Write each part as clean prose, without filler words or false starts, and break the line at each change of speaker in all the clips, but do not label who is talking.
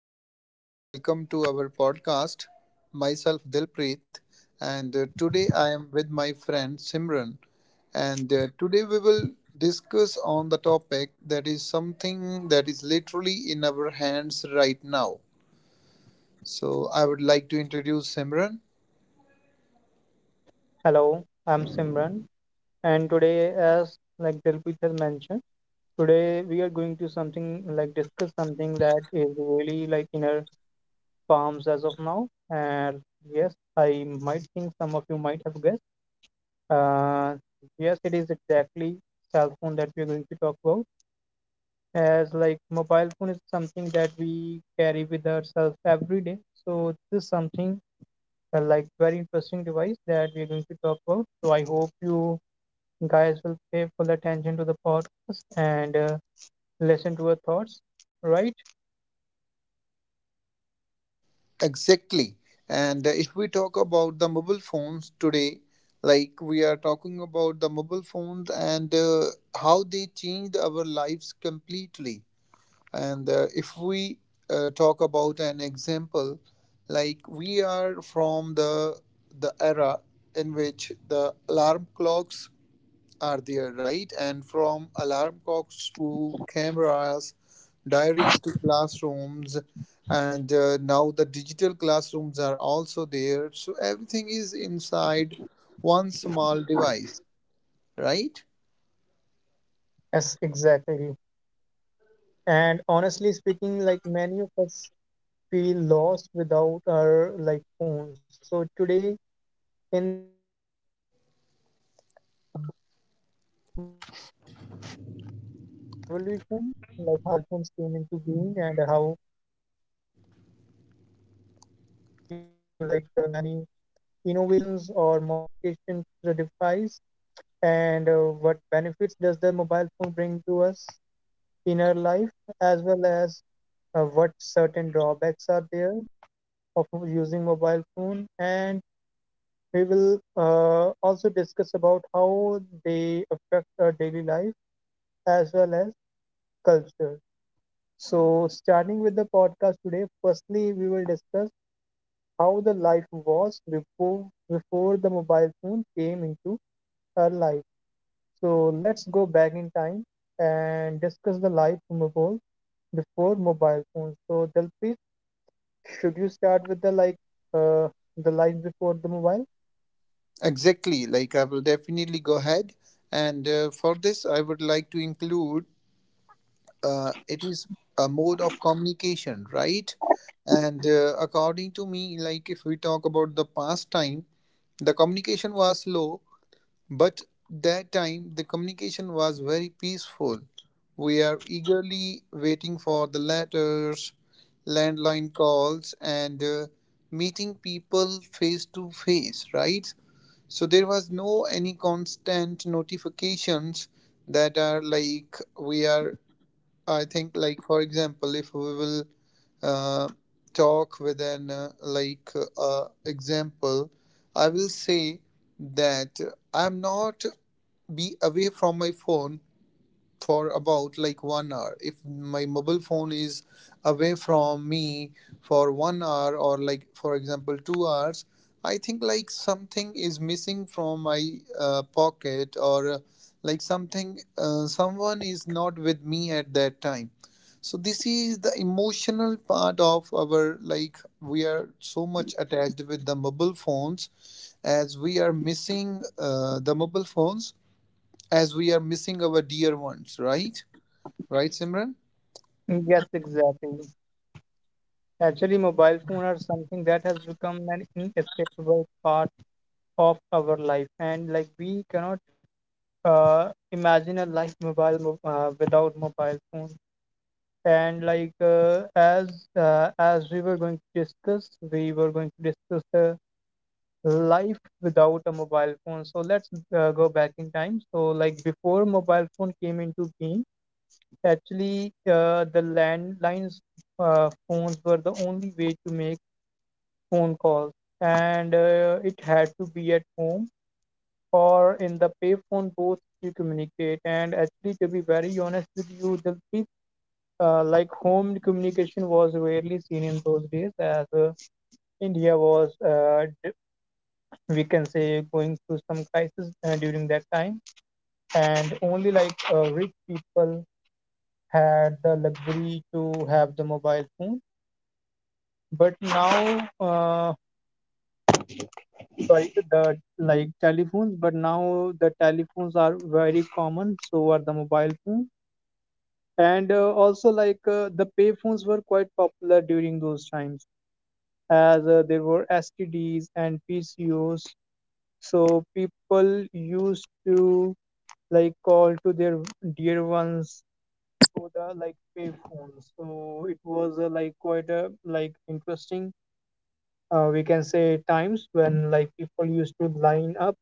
Everyone, welcome to our podcast. Myself Dilpreet, and today I am with my friend Simran, and today we will discuss on the topic that is something that is literally in our hands right now. So I would like to introduce Simran.
Hello, I'm Simran, and today, as like Dilpreet has mentioned, today we are going to something like discuss something that is really like in our palms as of now. And yes, I might think some of you might have guessed. Uh, yes, it is exactly cell phone that we are going to talk about. As like mobile phone is something that we carry with ourselves every day. So this is something like very interesting device that we are going to talk about. So I hope you guys will pay full attention to the podcast and listen to our thoughts, right?
Exactly, and if we talk about the mobile phones today, like we are talking about the mobile phones and how they changed our lives completely. And if we talk about an example, like we are from the era in which the alarm clocks are there, right? And from alarm clocks to cameras, diaries to classrooms, and now the digital classrooms are also there. So everything is inside one small device, right?
Yes, exactly. And honestly speaking, like many of us feel lost without our like phones. So today in this like episode, we will discuss mobile phones, their evolution, like how the mobile phones came into being and how they were evolved, like after like the many innovations or modifications to the device. And what benefits does the mobile phone bring to us in our life, as well as what certain drawbacks are there of using mobile phone? And we will also discuss about how they affect our daily life as well as culture. So, starting with the podcast today, firstly, we will discuss how the life was before the mobile phone came into our life. So let's go back in time and discuss the life of mobile before mobile phones. So Dalpreet, should you start with the like uh, the life before the mobile?
Exactly. Like I will definitely go ahead, and for this I would like to include it is a mode of communication, right? And according to me, like if we talk about the past time, the communication was slow, but that time the communication was very peaceful. We are eagerly waiting for the letters, landline calls, and meeting people face to face, right? So there was no any constant notifications that are like we are. I think like for example, if we will uh, talk with an like example, I will say that I'm not be away from my phone for about like 1 hour. If my mobile phone is away from me for 1 hour or like for example 2 hours, I think like something is missing from my pocket, or like something someone is not with me at that time. So this is the emotional part of our like we are so much attached with the mobile phones, as we are missing the mobile phones as we are missing our dear ones, right? Right, Simran?
Yes, exactly. Actually, mobile phone are something that has become an inescapable part of our life, and like we cannot imagine a life without mobile phone. And like as we were going to discuss, the life without a mobile phone. So let's go back in time. So like before mobile phone came into being, actually the landlines phones were the only way to make phone calls, and it had to be at home or in the payphone booth to communicate. And actually, to be very honest with you, Dilpreet, like home communication was rarely seen in those days as India was we can say going through some crisis during that time, and only like rich people had the luxury to have the mobile phone, but now sorry the like telephones, but now the telephones are very common, so are the mobile phones. And also like the pay phones were quite popular during those times as there were STDs and PCOs, so people used to like call to their dear ones through the like payphone. So it was like quite a like interesting we can say times when like people used to line up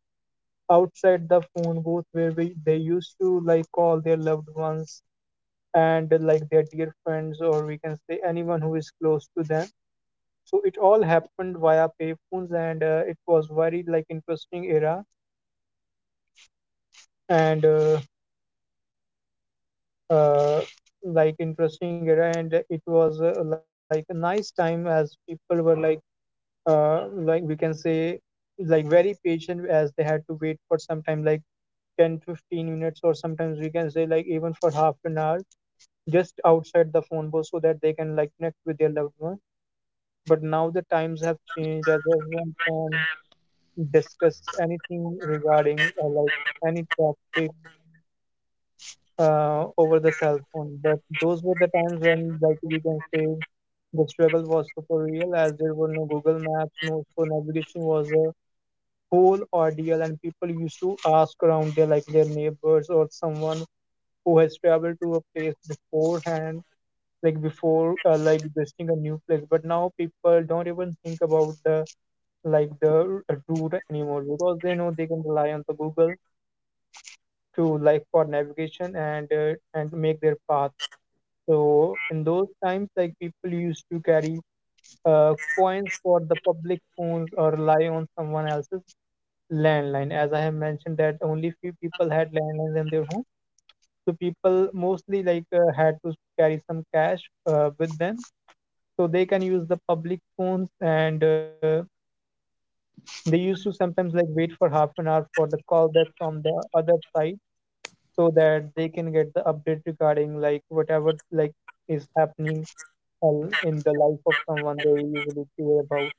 outside the phone booth where they used to like call their loved ones and like their dear friends, or we can say anyone who is close to them. So it all happened via payphones and it was very like interesting era and uh, uh, and it was like a nice time, as people were like we can say like very patient, as they had to wait for some time like 10-15 minutes or sometimes we can say like even for half an hour just outside the phone booth so that they can like connect with their loved one. But now the times have changed, as everyone can discuss anything regarding like any topic over the cell phone. But those were the times when, like we can say, the struggle was super real, as there were no Google Maps, no, so navigation was a whole ordeal, and people used to ask around their like their neighbors or someone who has traveled to a place beforehand, like before like visiting a new place. But now people don't even think about the route anymore, because they know they can rely on the Google to like for navigation and make their path. So in those times, like people used to carry coins for the public phones or rely on someone else's landline. As I have mentioned that only few people had landlines in their home, so people mostly like had to carry some cash with them, so they can use the public phones and they used to sometimes like wait for half an hour for the call back from the other side, so that they can get the update regarding like whatever like is happening hell in the life of someone they usually care about.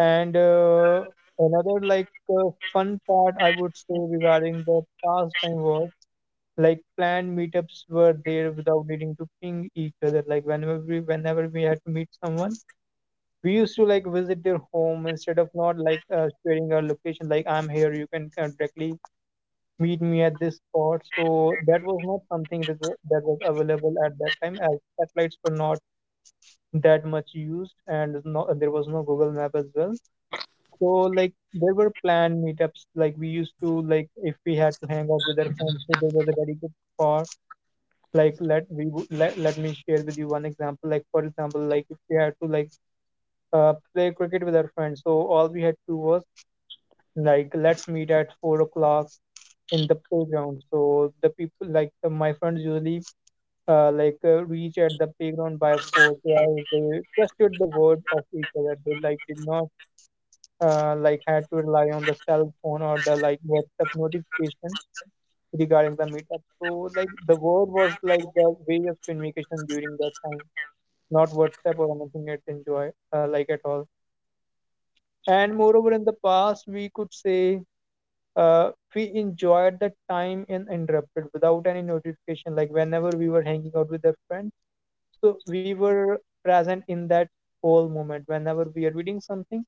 And another like fun part I would say regarding the past time was like planned meetups were there without needing to ping each other. Like whenever we had to meet someone, we used to like visit their home instead of not like sharing our location. Like I'm here, you can directly meet me at this spot. So that was not something that was available at that time, as satellites were not that much used, and no, there was no Google Map as well. So like there were planned meetups. Like we used to like if we had to hang out with our friends, so there was a very good spot. Like let we wo- let, let me share with you one example. Like for example, like if we had to like play cricket with our friends, so all we had to do was like let's meet at 4 o'clock in the playground. So the people like my friends usually like reach at the playground by force, where they trusted the word of each other, they like did not like had to rely on the cell phone or the like WhatsApp notification regarding the meetup. So like the word was like the way of communication during that time, not WhatsApp or anything at enjoy like at all. And moreover in the past we could say uh, we enjoyed the time uninterrupted without any notification, like whenever we were hanging out with our friends. So we were present in that whole moment. Whenever we are reading something,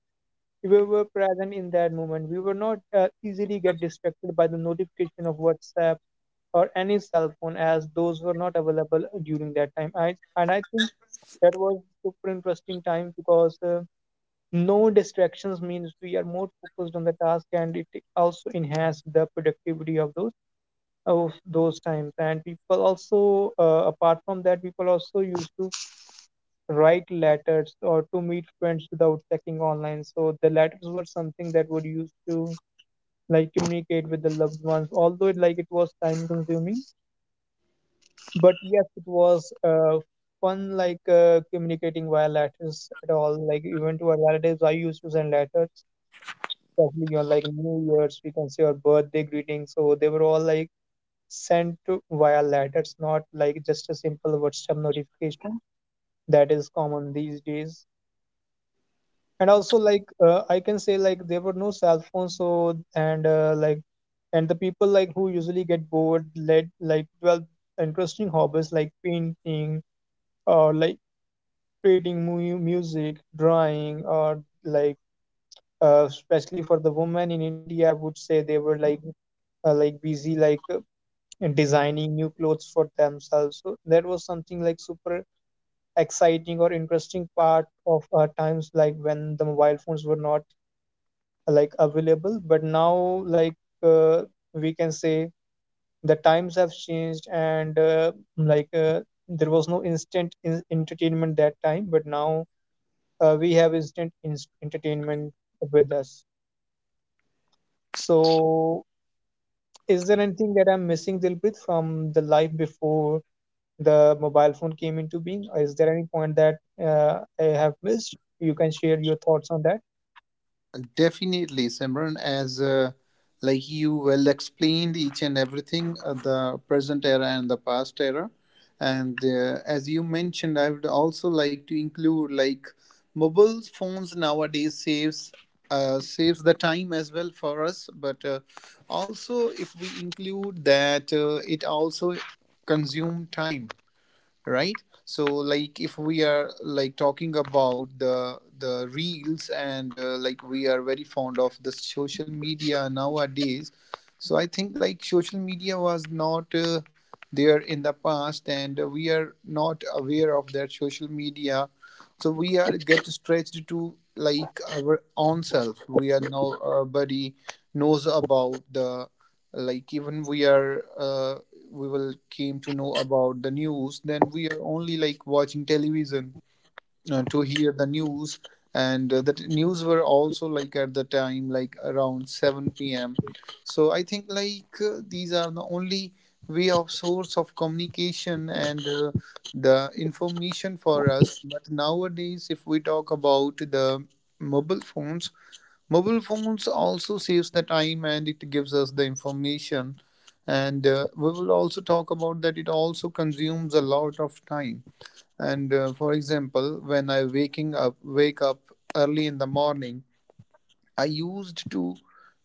we were present in that moment. We were not easily get distracted by the notification of WhatsApp or any cell phone, as those were not available during that time. I think that was super interesting time, because no distractions means we are more focused on the task, and it also enhanced the productivity of those times. And people also, apart from that, people also used to write letters or to meet friends without checking online. So the letters were something that would used to like communicate with the loved ones. Although it was time consuming, but yes, it was fun like communicating via letters at all. Like even to our relatives, I used to send letters, especially on like New Year's, we can say, or birthday greetings. So they were all like sent to via letters, not like just a simple WhatsApp notification that is common these days. And also like I can say like there were no cell phones, so and like and the people like who usually get bored led like well interesting hobbies like painting or like creating music, drawing, or like especially for the women in India I would say they were like busy like in designing new clothes for themselves. So that was something like super exciting or interesting part of our times, like when the mobile phones were not like available. But now like we can say the times have changed, and like there was no instant entertainment that time, but now we have instant entertainment with us. So is there anything that I'm missing, Dilpreet, from the life before the mobile phone came into being? Is there any point that I have missed? You can share your thoughts on that.
Definitely, Simran. As like you well explained each and everything, the present era and the past era, and as you mentioned, I would also like to include like mobile phones nowadays saves. Saves the time as well for us, but also if we include that it also consume time, right? So like if we are like talking about the reels and like we are very fond of the social media nowadays. So I think like social media was not there in the past, and we are not aware of that social media. So we are get stretched to like our own self, we are nobody knows about the, like even we are we will came to know about the news, then we are only like watching television to hear the news. And the news were also like at the time like around 7 p.m. So I think like these are the only way of source of communication and the information for us. But nowadays if we talk about the mobile phones, mobile phones also saves the time and it gives us the information. And we will also talk about that it also consumes a lot of time. And for example, when wake up early in the morning, I used to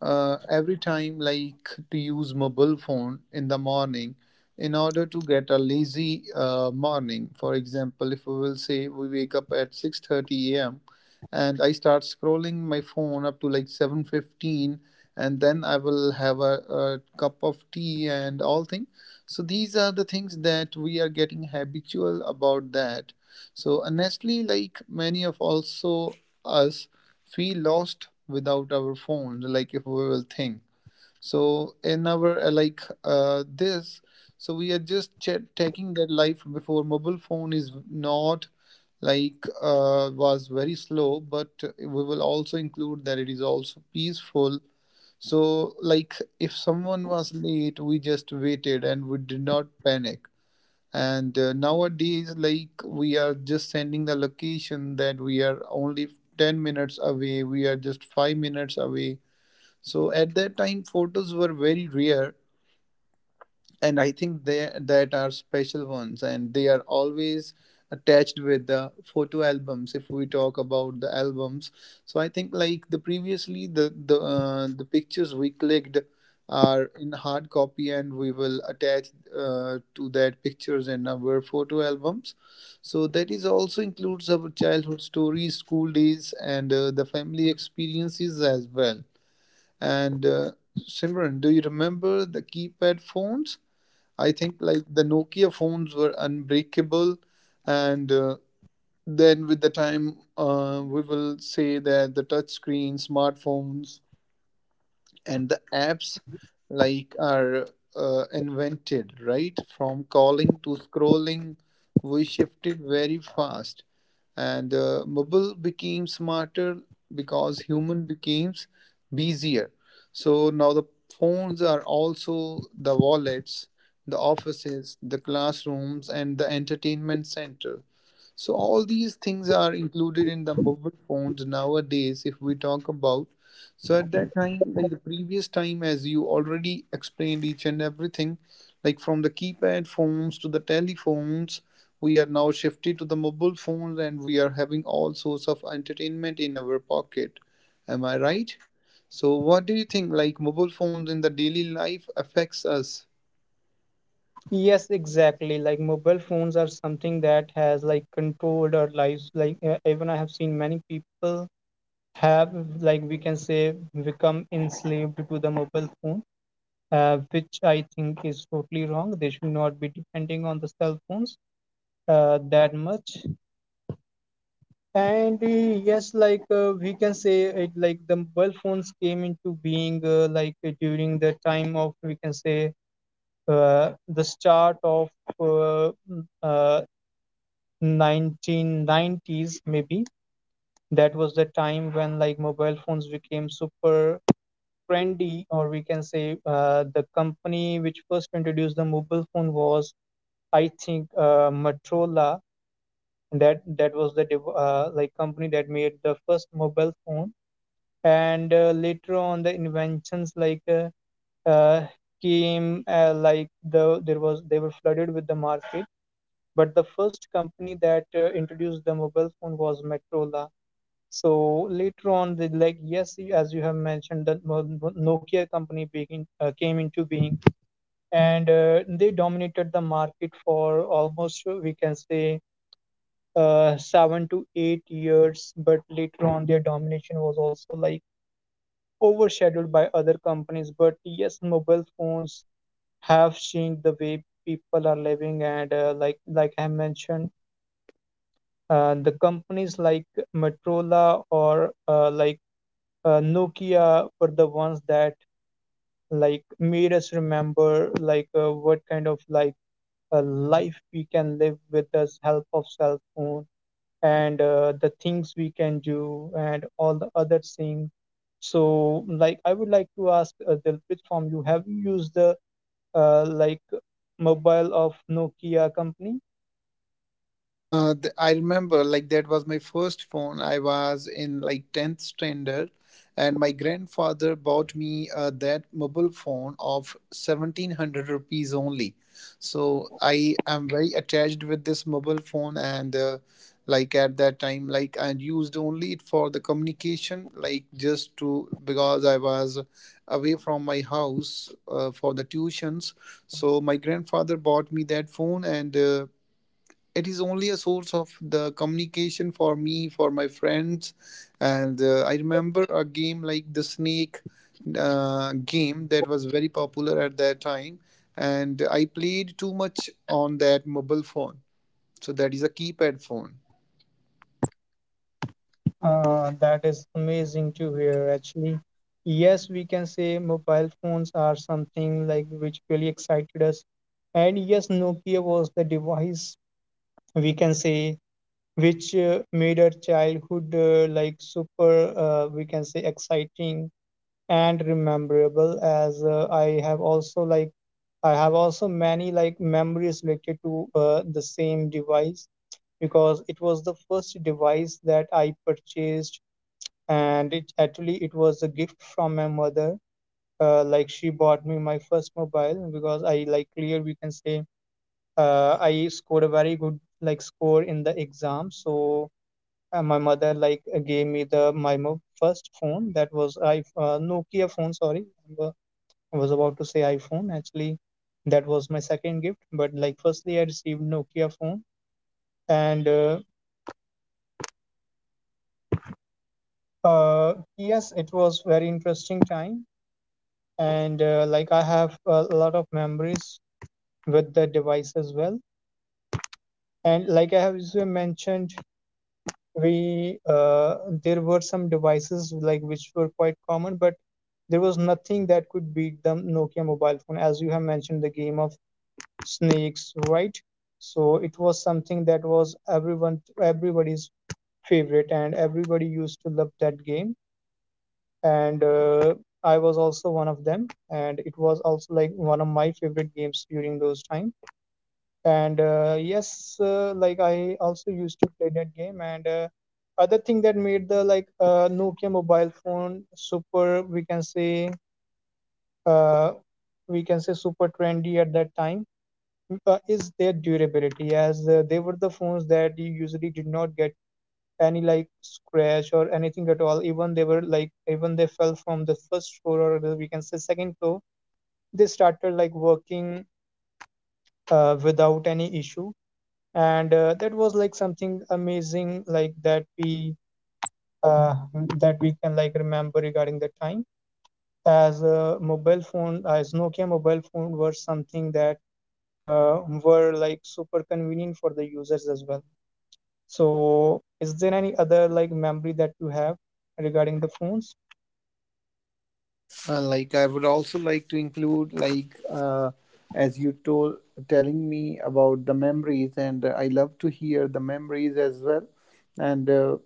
every time like to use mobile phone in the morning in order to get a lazy morning. For example, if we will say we wake up at 6:30 a.m. and I start scrolling my phone up to like 7:15, and then I will have a cup of tea and all things. So these are the things that we are getting habitual about that. So honestly, like many of also us feel lost without our phones. Like if we will think, so in our this, so we are just taking that life before mobile phone is not like was very slow, but we will also include that it is also peaceful. So like if someone was late, we just waited and we did not panic. And nowadays like we are just sending the location that we are only 10 minutes away, we are just 5 minutes away. So at that time photos were very rare, and I think they that are special ones and they are always attached with the photo albums. If we talk about the albums, so I think like the previously the the pictures we clicked are in hard copy, and we will attach to that pictures in our photo albums. So that is also includes our childhood stories, school days, and the family experiences as well. And Simran, do you remember the keypad phones? I think like the Nokia phones were unbreakable, and then with the time, we will say that the touchscreen smartphones and the apps like are invented. Right from calling to scrolling, we shifted very fast, and mobile became smarter because human became busier. So now the phones are also the wallets, the offices, the classrooms, and the entertainment center. So all these things are included in the mobile phones nowadays. If we talk about, so at that time, like the previous time, as you already explained each and everything, like from the keypad phones to the telephones, we are now shifted to the mobile phones, and we are having all sorts of entertainment in our pocket. Am I right? So what do you think? Like mobile phones in the daily life affects us?
Yes, exactly. Like mobile phones are something that has like controlled our lives. Like even I have seen many people have like we can say become enslaved to the mobile phone, which I think is totally wrong. They should not be depending on the cell phones that much. And Yes, we can say it, the mobile phones came into being during the time of, we can say, the start of uh, mm, uh, 1990s maybe. That was the time when like mobile phones became super trendy, or we can say the company which first introduced the mobile phone was, I think, motorola. And that was the like company that made the first mobile phone. And later on the inventions uh, came, like they were flooded with the market. But the first company that introduced the mobile phone was motorola. So later on, they like, yes, as you have mentioned, that Nokia company begin came into being, and they dominated the market for almost, we can say, 7 to 8 years. But later on, their domination was also like overshadowed by other companies. But yes, mobile phones have changed the way people are living, and like I mentioned, the companies like Motorola or Nokia were the ones that like made us remember what kind of like a life we can live with the help of cell phone, and the things we can do and all the other things. So like I would like to ask Dilpit from you, have you used the uh, like mobile of Nokia company?
I remember like that was my first phone. I was in like 10th standard, and my grandfather bought me that mobile phone of 1700 rupees only. So I am very attached with this mobile phone, and like at that time, like I used only it for the communication, like just to because I was away from my house for the tuitions. So my grandfather bought me that phone and. It is only a source of the communication for me for my friends, and I remember a game like the snake game that was very popular at that time, and I played too much on that mobile phone. So that is a keypad phone.
That is amazing to hear, actually. Yes, we can say mobile phones are something like which really excited us. And yes, Nokia was the device, we can say, which made our childhood like super, we can say, exciting and rememberable. As I have also like, I have also many like memories related to the same device, because it was the first device that I purchased, and it actually it was a gift from my mother. Like she bought me my first mobile because I like clear we can say, I scored a very good like score in the exam. So my mother gave me the first phone. That was I nokia phone. Sorry, I was about to say iphone, actually. That was my second gift, but like firstly I received nokia phone. And yes, it was very interesting time. And like I have a lot of memories with the device as well. And like I have, as you mentioned, we there were some devices like which were quite common, but there was nothing that could beat the nokia mobile phone. As you have mentioned, the game of snakes, right? So it was something that was everyone everybody's favorite and everybody used to love that game. And I was also one of them, and it was also like one of my favorite games during those time. And yes, like I also used to play that game. And other thing that made the Nokia mobile phone super, we can say, uh, super trendy at that time. Is their durability, as they were the phones that you usually did not get any like scratch or anything at all. Even they were like, even they fell from the first floor or the, we can say, second floor, they started like working without any issue. And that was like something amazing like uh, that we can like remember regarding the time, as a mobile phone, as nokia mobile phone were something that were like super convenient for the users as well. So is there any other like memory that you have regarding the phones?
Like I would also like to include like as you told, telling me about the memories, and I love to hear the memories as well. And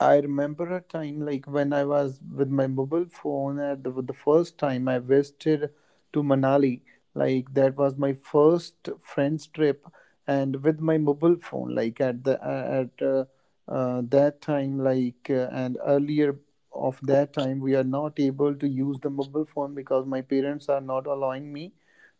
I remember a time like when I was with my mobile phone at the first time I visited to Manali. Like that was my first friends trip, and with my mobile phone. Like at that time, like and earlier of that time, we are not able to use the mobile phone because my parents are not allowing me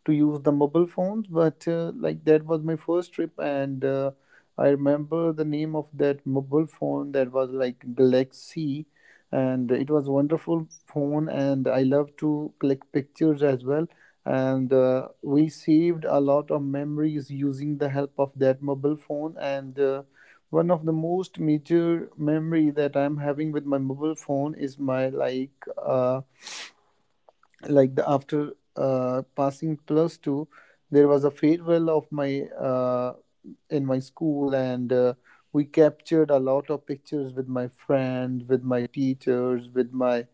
to use the mobile phones. But like that was my first trip, and. I remember the name of that mobile phone that was like Galaxy, and it was wonderful phone. And I love to click pictures as well. And we saved a lot of memories using the help of that mobile phone. And one of the most major memory that I'm having with my mobile phone is my like uh, the after passing plus two, there was a farewell of my in my school, and we captured a lot of pictures with my friend, with my teachers, with my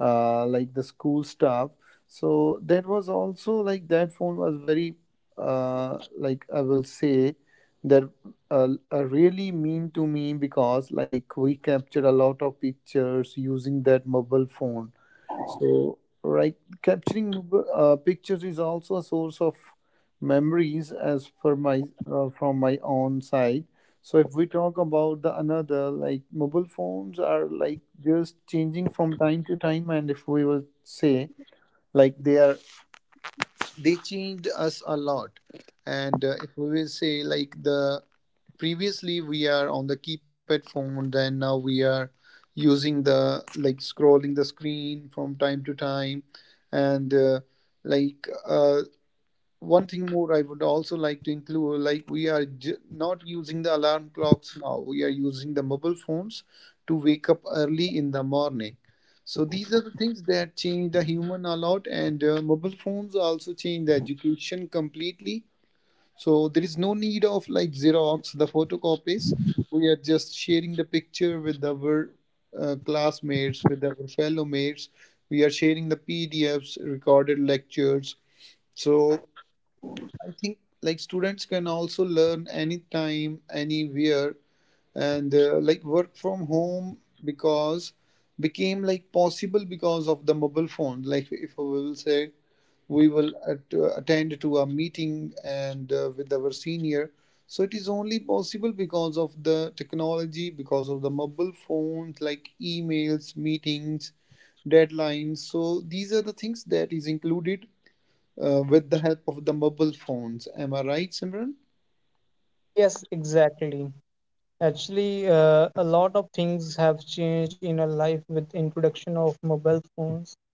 like the school staff. So that was also like that phone was very like I will say that really mean to me because like we captured a lot of pictures using that mobile phone. So, right, capturing pictures is also a source of memories, as per my from my own side. So, if we talk about the another, like mobile phones are like just changing from time to time, and if we will say like they are they changed us a lot. And if we will say like the previously we are on the keypad phone, then now we are using the like scrolling the screen from time to time, and like uh, one thing more I would also like to include like we are not using the alarm clocks now. We are using the mobile phones to wake up early in the morning. So these are the things that change the human a lot, and mobile phones also change the education completely. So there is no need of like Xerox, the photocopies. We are just sharing the picture with our classmates, with our fellow mates. We are sharing the PDFs, recorded lectures. So I think like students can also learn anytime, anywhere, and like work from home because became like possible because of the mobile phone. Like if we will say we will attend to a meeting and with our senior, so it is only possible because of the technology, because of the mobile phones, like emails, meetings, deadlines. So these are the things that is included with the help of the mobile phones. Am I right, Simran?
Yes, exactly. Actually, a lot of things have changed in our life with introduction of mobile phones.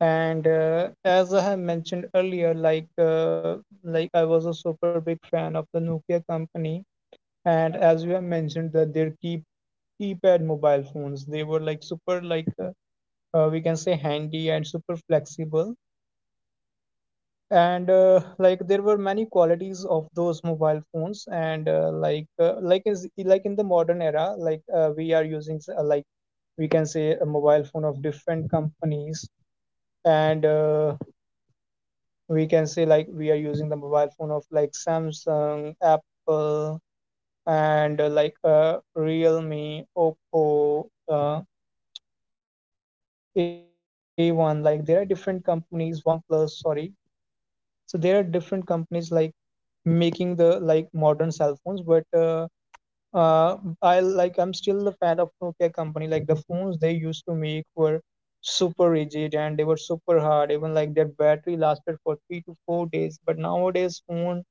And as I have mentioned earlier, like I was a super big fan of the Nokia company. And as you have mentioned that their keypad mobile phones, they were like super we can say handy and super flexible. And like there were many qualities of those mobile phones. And like is like in the modern era, we are using like, we can say, a mobile phone of different companies. And we can say like we are using the mobile phone of like samsung, apple, and realme, oppo, A1, like there are different companies, oneplus, sorry. So there are different companies like making the like modern cell phones. But uh, I like, I'm still a fan of nokia company. Like the phones they used to make were super rigid and they were super hard. Even like their battery lasted for 3 to 4 days, but nowadays phone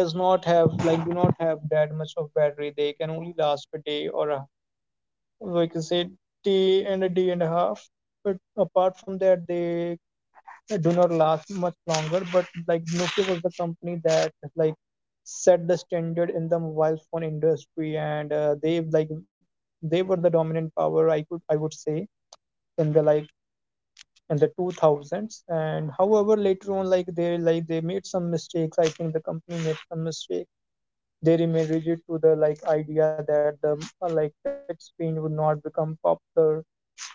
does not have, like do not have that much of battery. They can only last a day, or a, like I say, day and a, day and a half. But apart from that they do not last much longer. But like Nokia was the company that like set the standard in the mobile phone industry, and they like they were the dominant power. I would say in the like in the 2000s. And however later on, like they made some mistakes. I think the company made some mistake. They remain rigid to the like idea that the like touch screen would not become popular,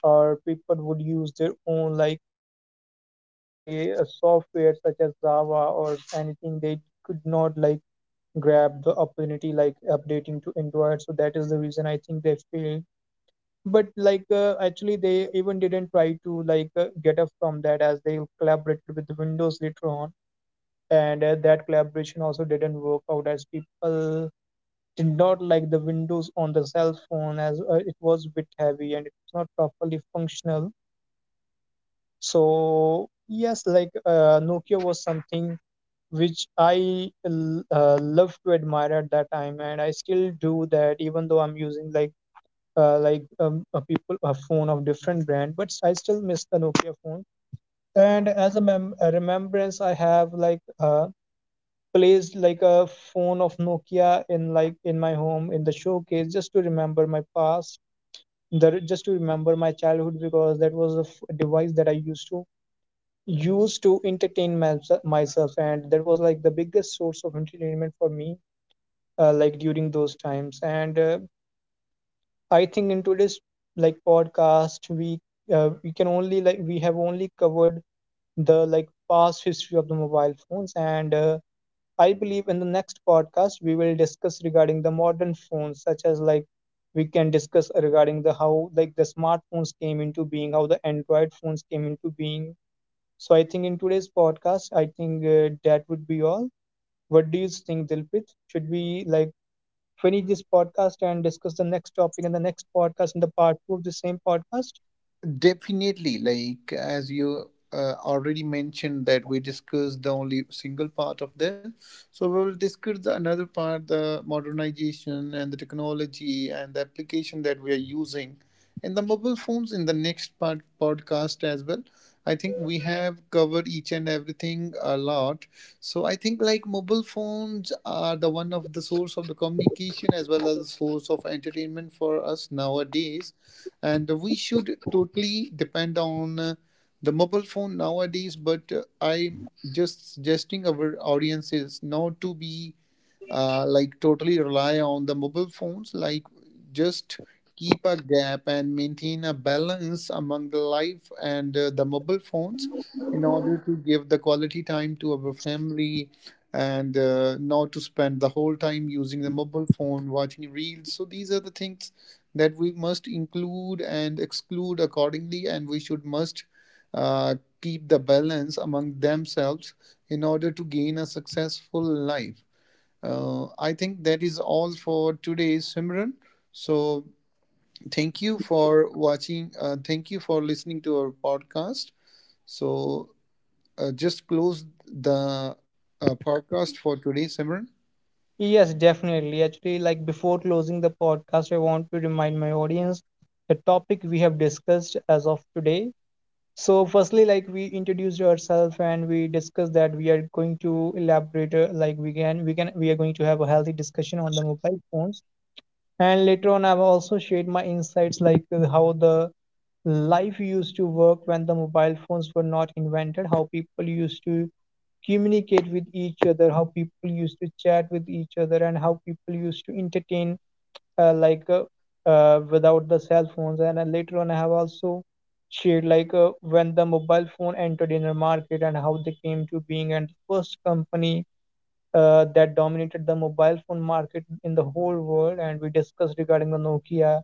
or people would use their own uh, we can say a software such as java or anything. They could not like grab the opportunity like updating to android. So that is the reason I think they failed. But actually they even didn't try to get up from that, as they collaborated with windows later on. And that collaboration also didn't work out, as people did not like the windows on the cell phone, as it was a bit heavy and it's not properly functional. So yes, nokia was something which I love to admire at that time, and I still do that, even though I'm using like a people a phone of different brand. But I still miss the Nokia phone. And as a, a remembrance, I have placed like a phone of Nokia in like in my home in the showcase, just to remember my past, just to remember my childhood, because that was a device that I used to used to entertain myself. And that was like the biggest source of entertainment for me like during those times. And I think in today's like podcast we can only like, we have only covered the like past history of the mobile phones. And I believe in the next podcast we will discuss regarding the modern phones, such as like we can discuss regarding the how like the smartphones came into being, how the android phones came into being. So I think in today's podcast, I think that would be all. What do you think, Dilpit? Should we like finish this podcast and discuss the next topic in the next podcast, in the part 2 of the same podcast?
Definitely, like as you already mentioned that we discussed the only single part of this, so we will discuss the another part, the modernization and the technology and the application that we are using in the mobile phones in the next part podcast as well. I think we have covered each and everything a lot. So I think like mobile phones are the one of the source of the communication as well as the source of entertainment for us nowadays, and we should totally depend on the mobile phone nowadays. But I'm just suggesting our audiences not to be like totally rely on the mobile phones, like just keep a gap and maintain a balance among the life and the mobile phones in order to give the quality time to our family, and not to spend the whole time using the mobile phone watching reels. So these are the things that we must include and exclude accordingly, and we should must uh, keep the balance among themselves in order to gain a successful life. I think that is all for today, Simran. So thank you for watching. Thank you for listening to our podcast. So just close the podcast for today, Simran.
Yes, definitely. Actually, like before closing the podcast, I want to remind my audience the topic we have discussed as of today. So, firstly, like we introduced ourselves and we discussed that we are going to elaborate, like we are going to have a healthy discussion on the mobile phones. And later on I've also shared my insights how the life used to work when the mobile phones were not invented, how people used to communicate with each other, how people used to chat with each other, and how people used to entertain uh, like uh, without the cell phones. And later on I have also shared when the mobile phone entered in the market and how they came to being, and the first company that dominated the mobile phone market in the whole world. And we discussed regarding the nokia,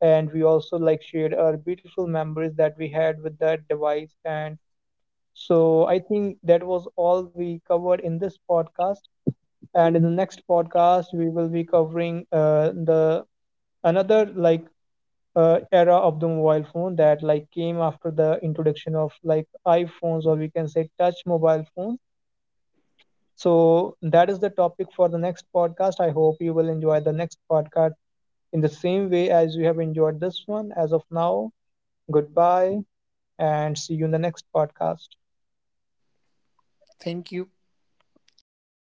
and we also like shared our beautiful memories that we had with that device. And so I think that was all we covered in this podcast. And in the next podcast we will be covering the another like era of the mobile phone that like came after the introduction of like iphones, or we can say touch mobile phones. So that is the topic for the next podcast. I hope you will enjoy the next podcast in the same way as you have enjoyed this one as of now. Goodbye, and see you in the next podcast.
Thank you.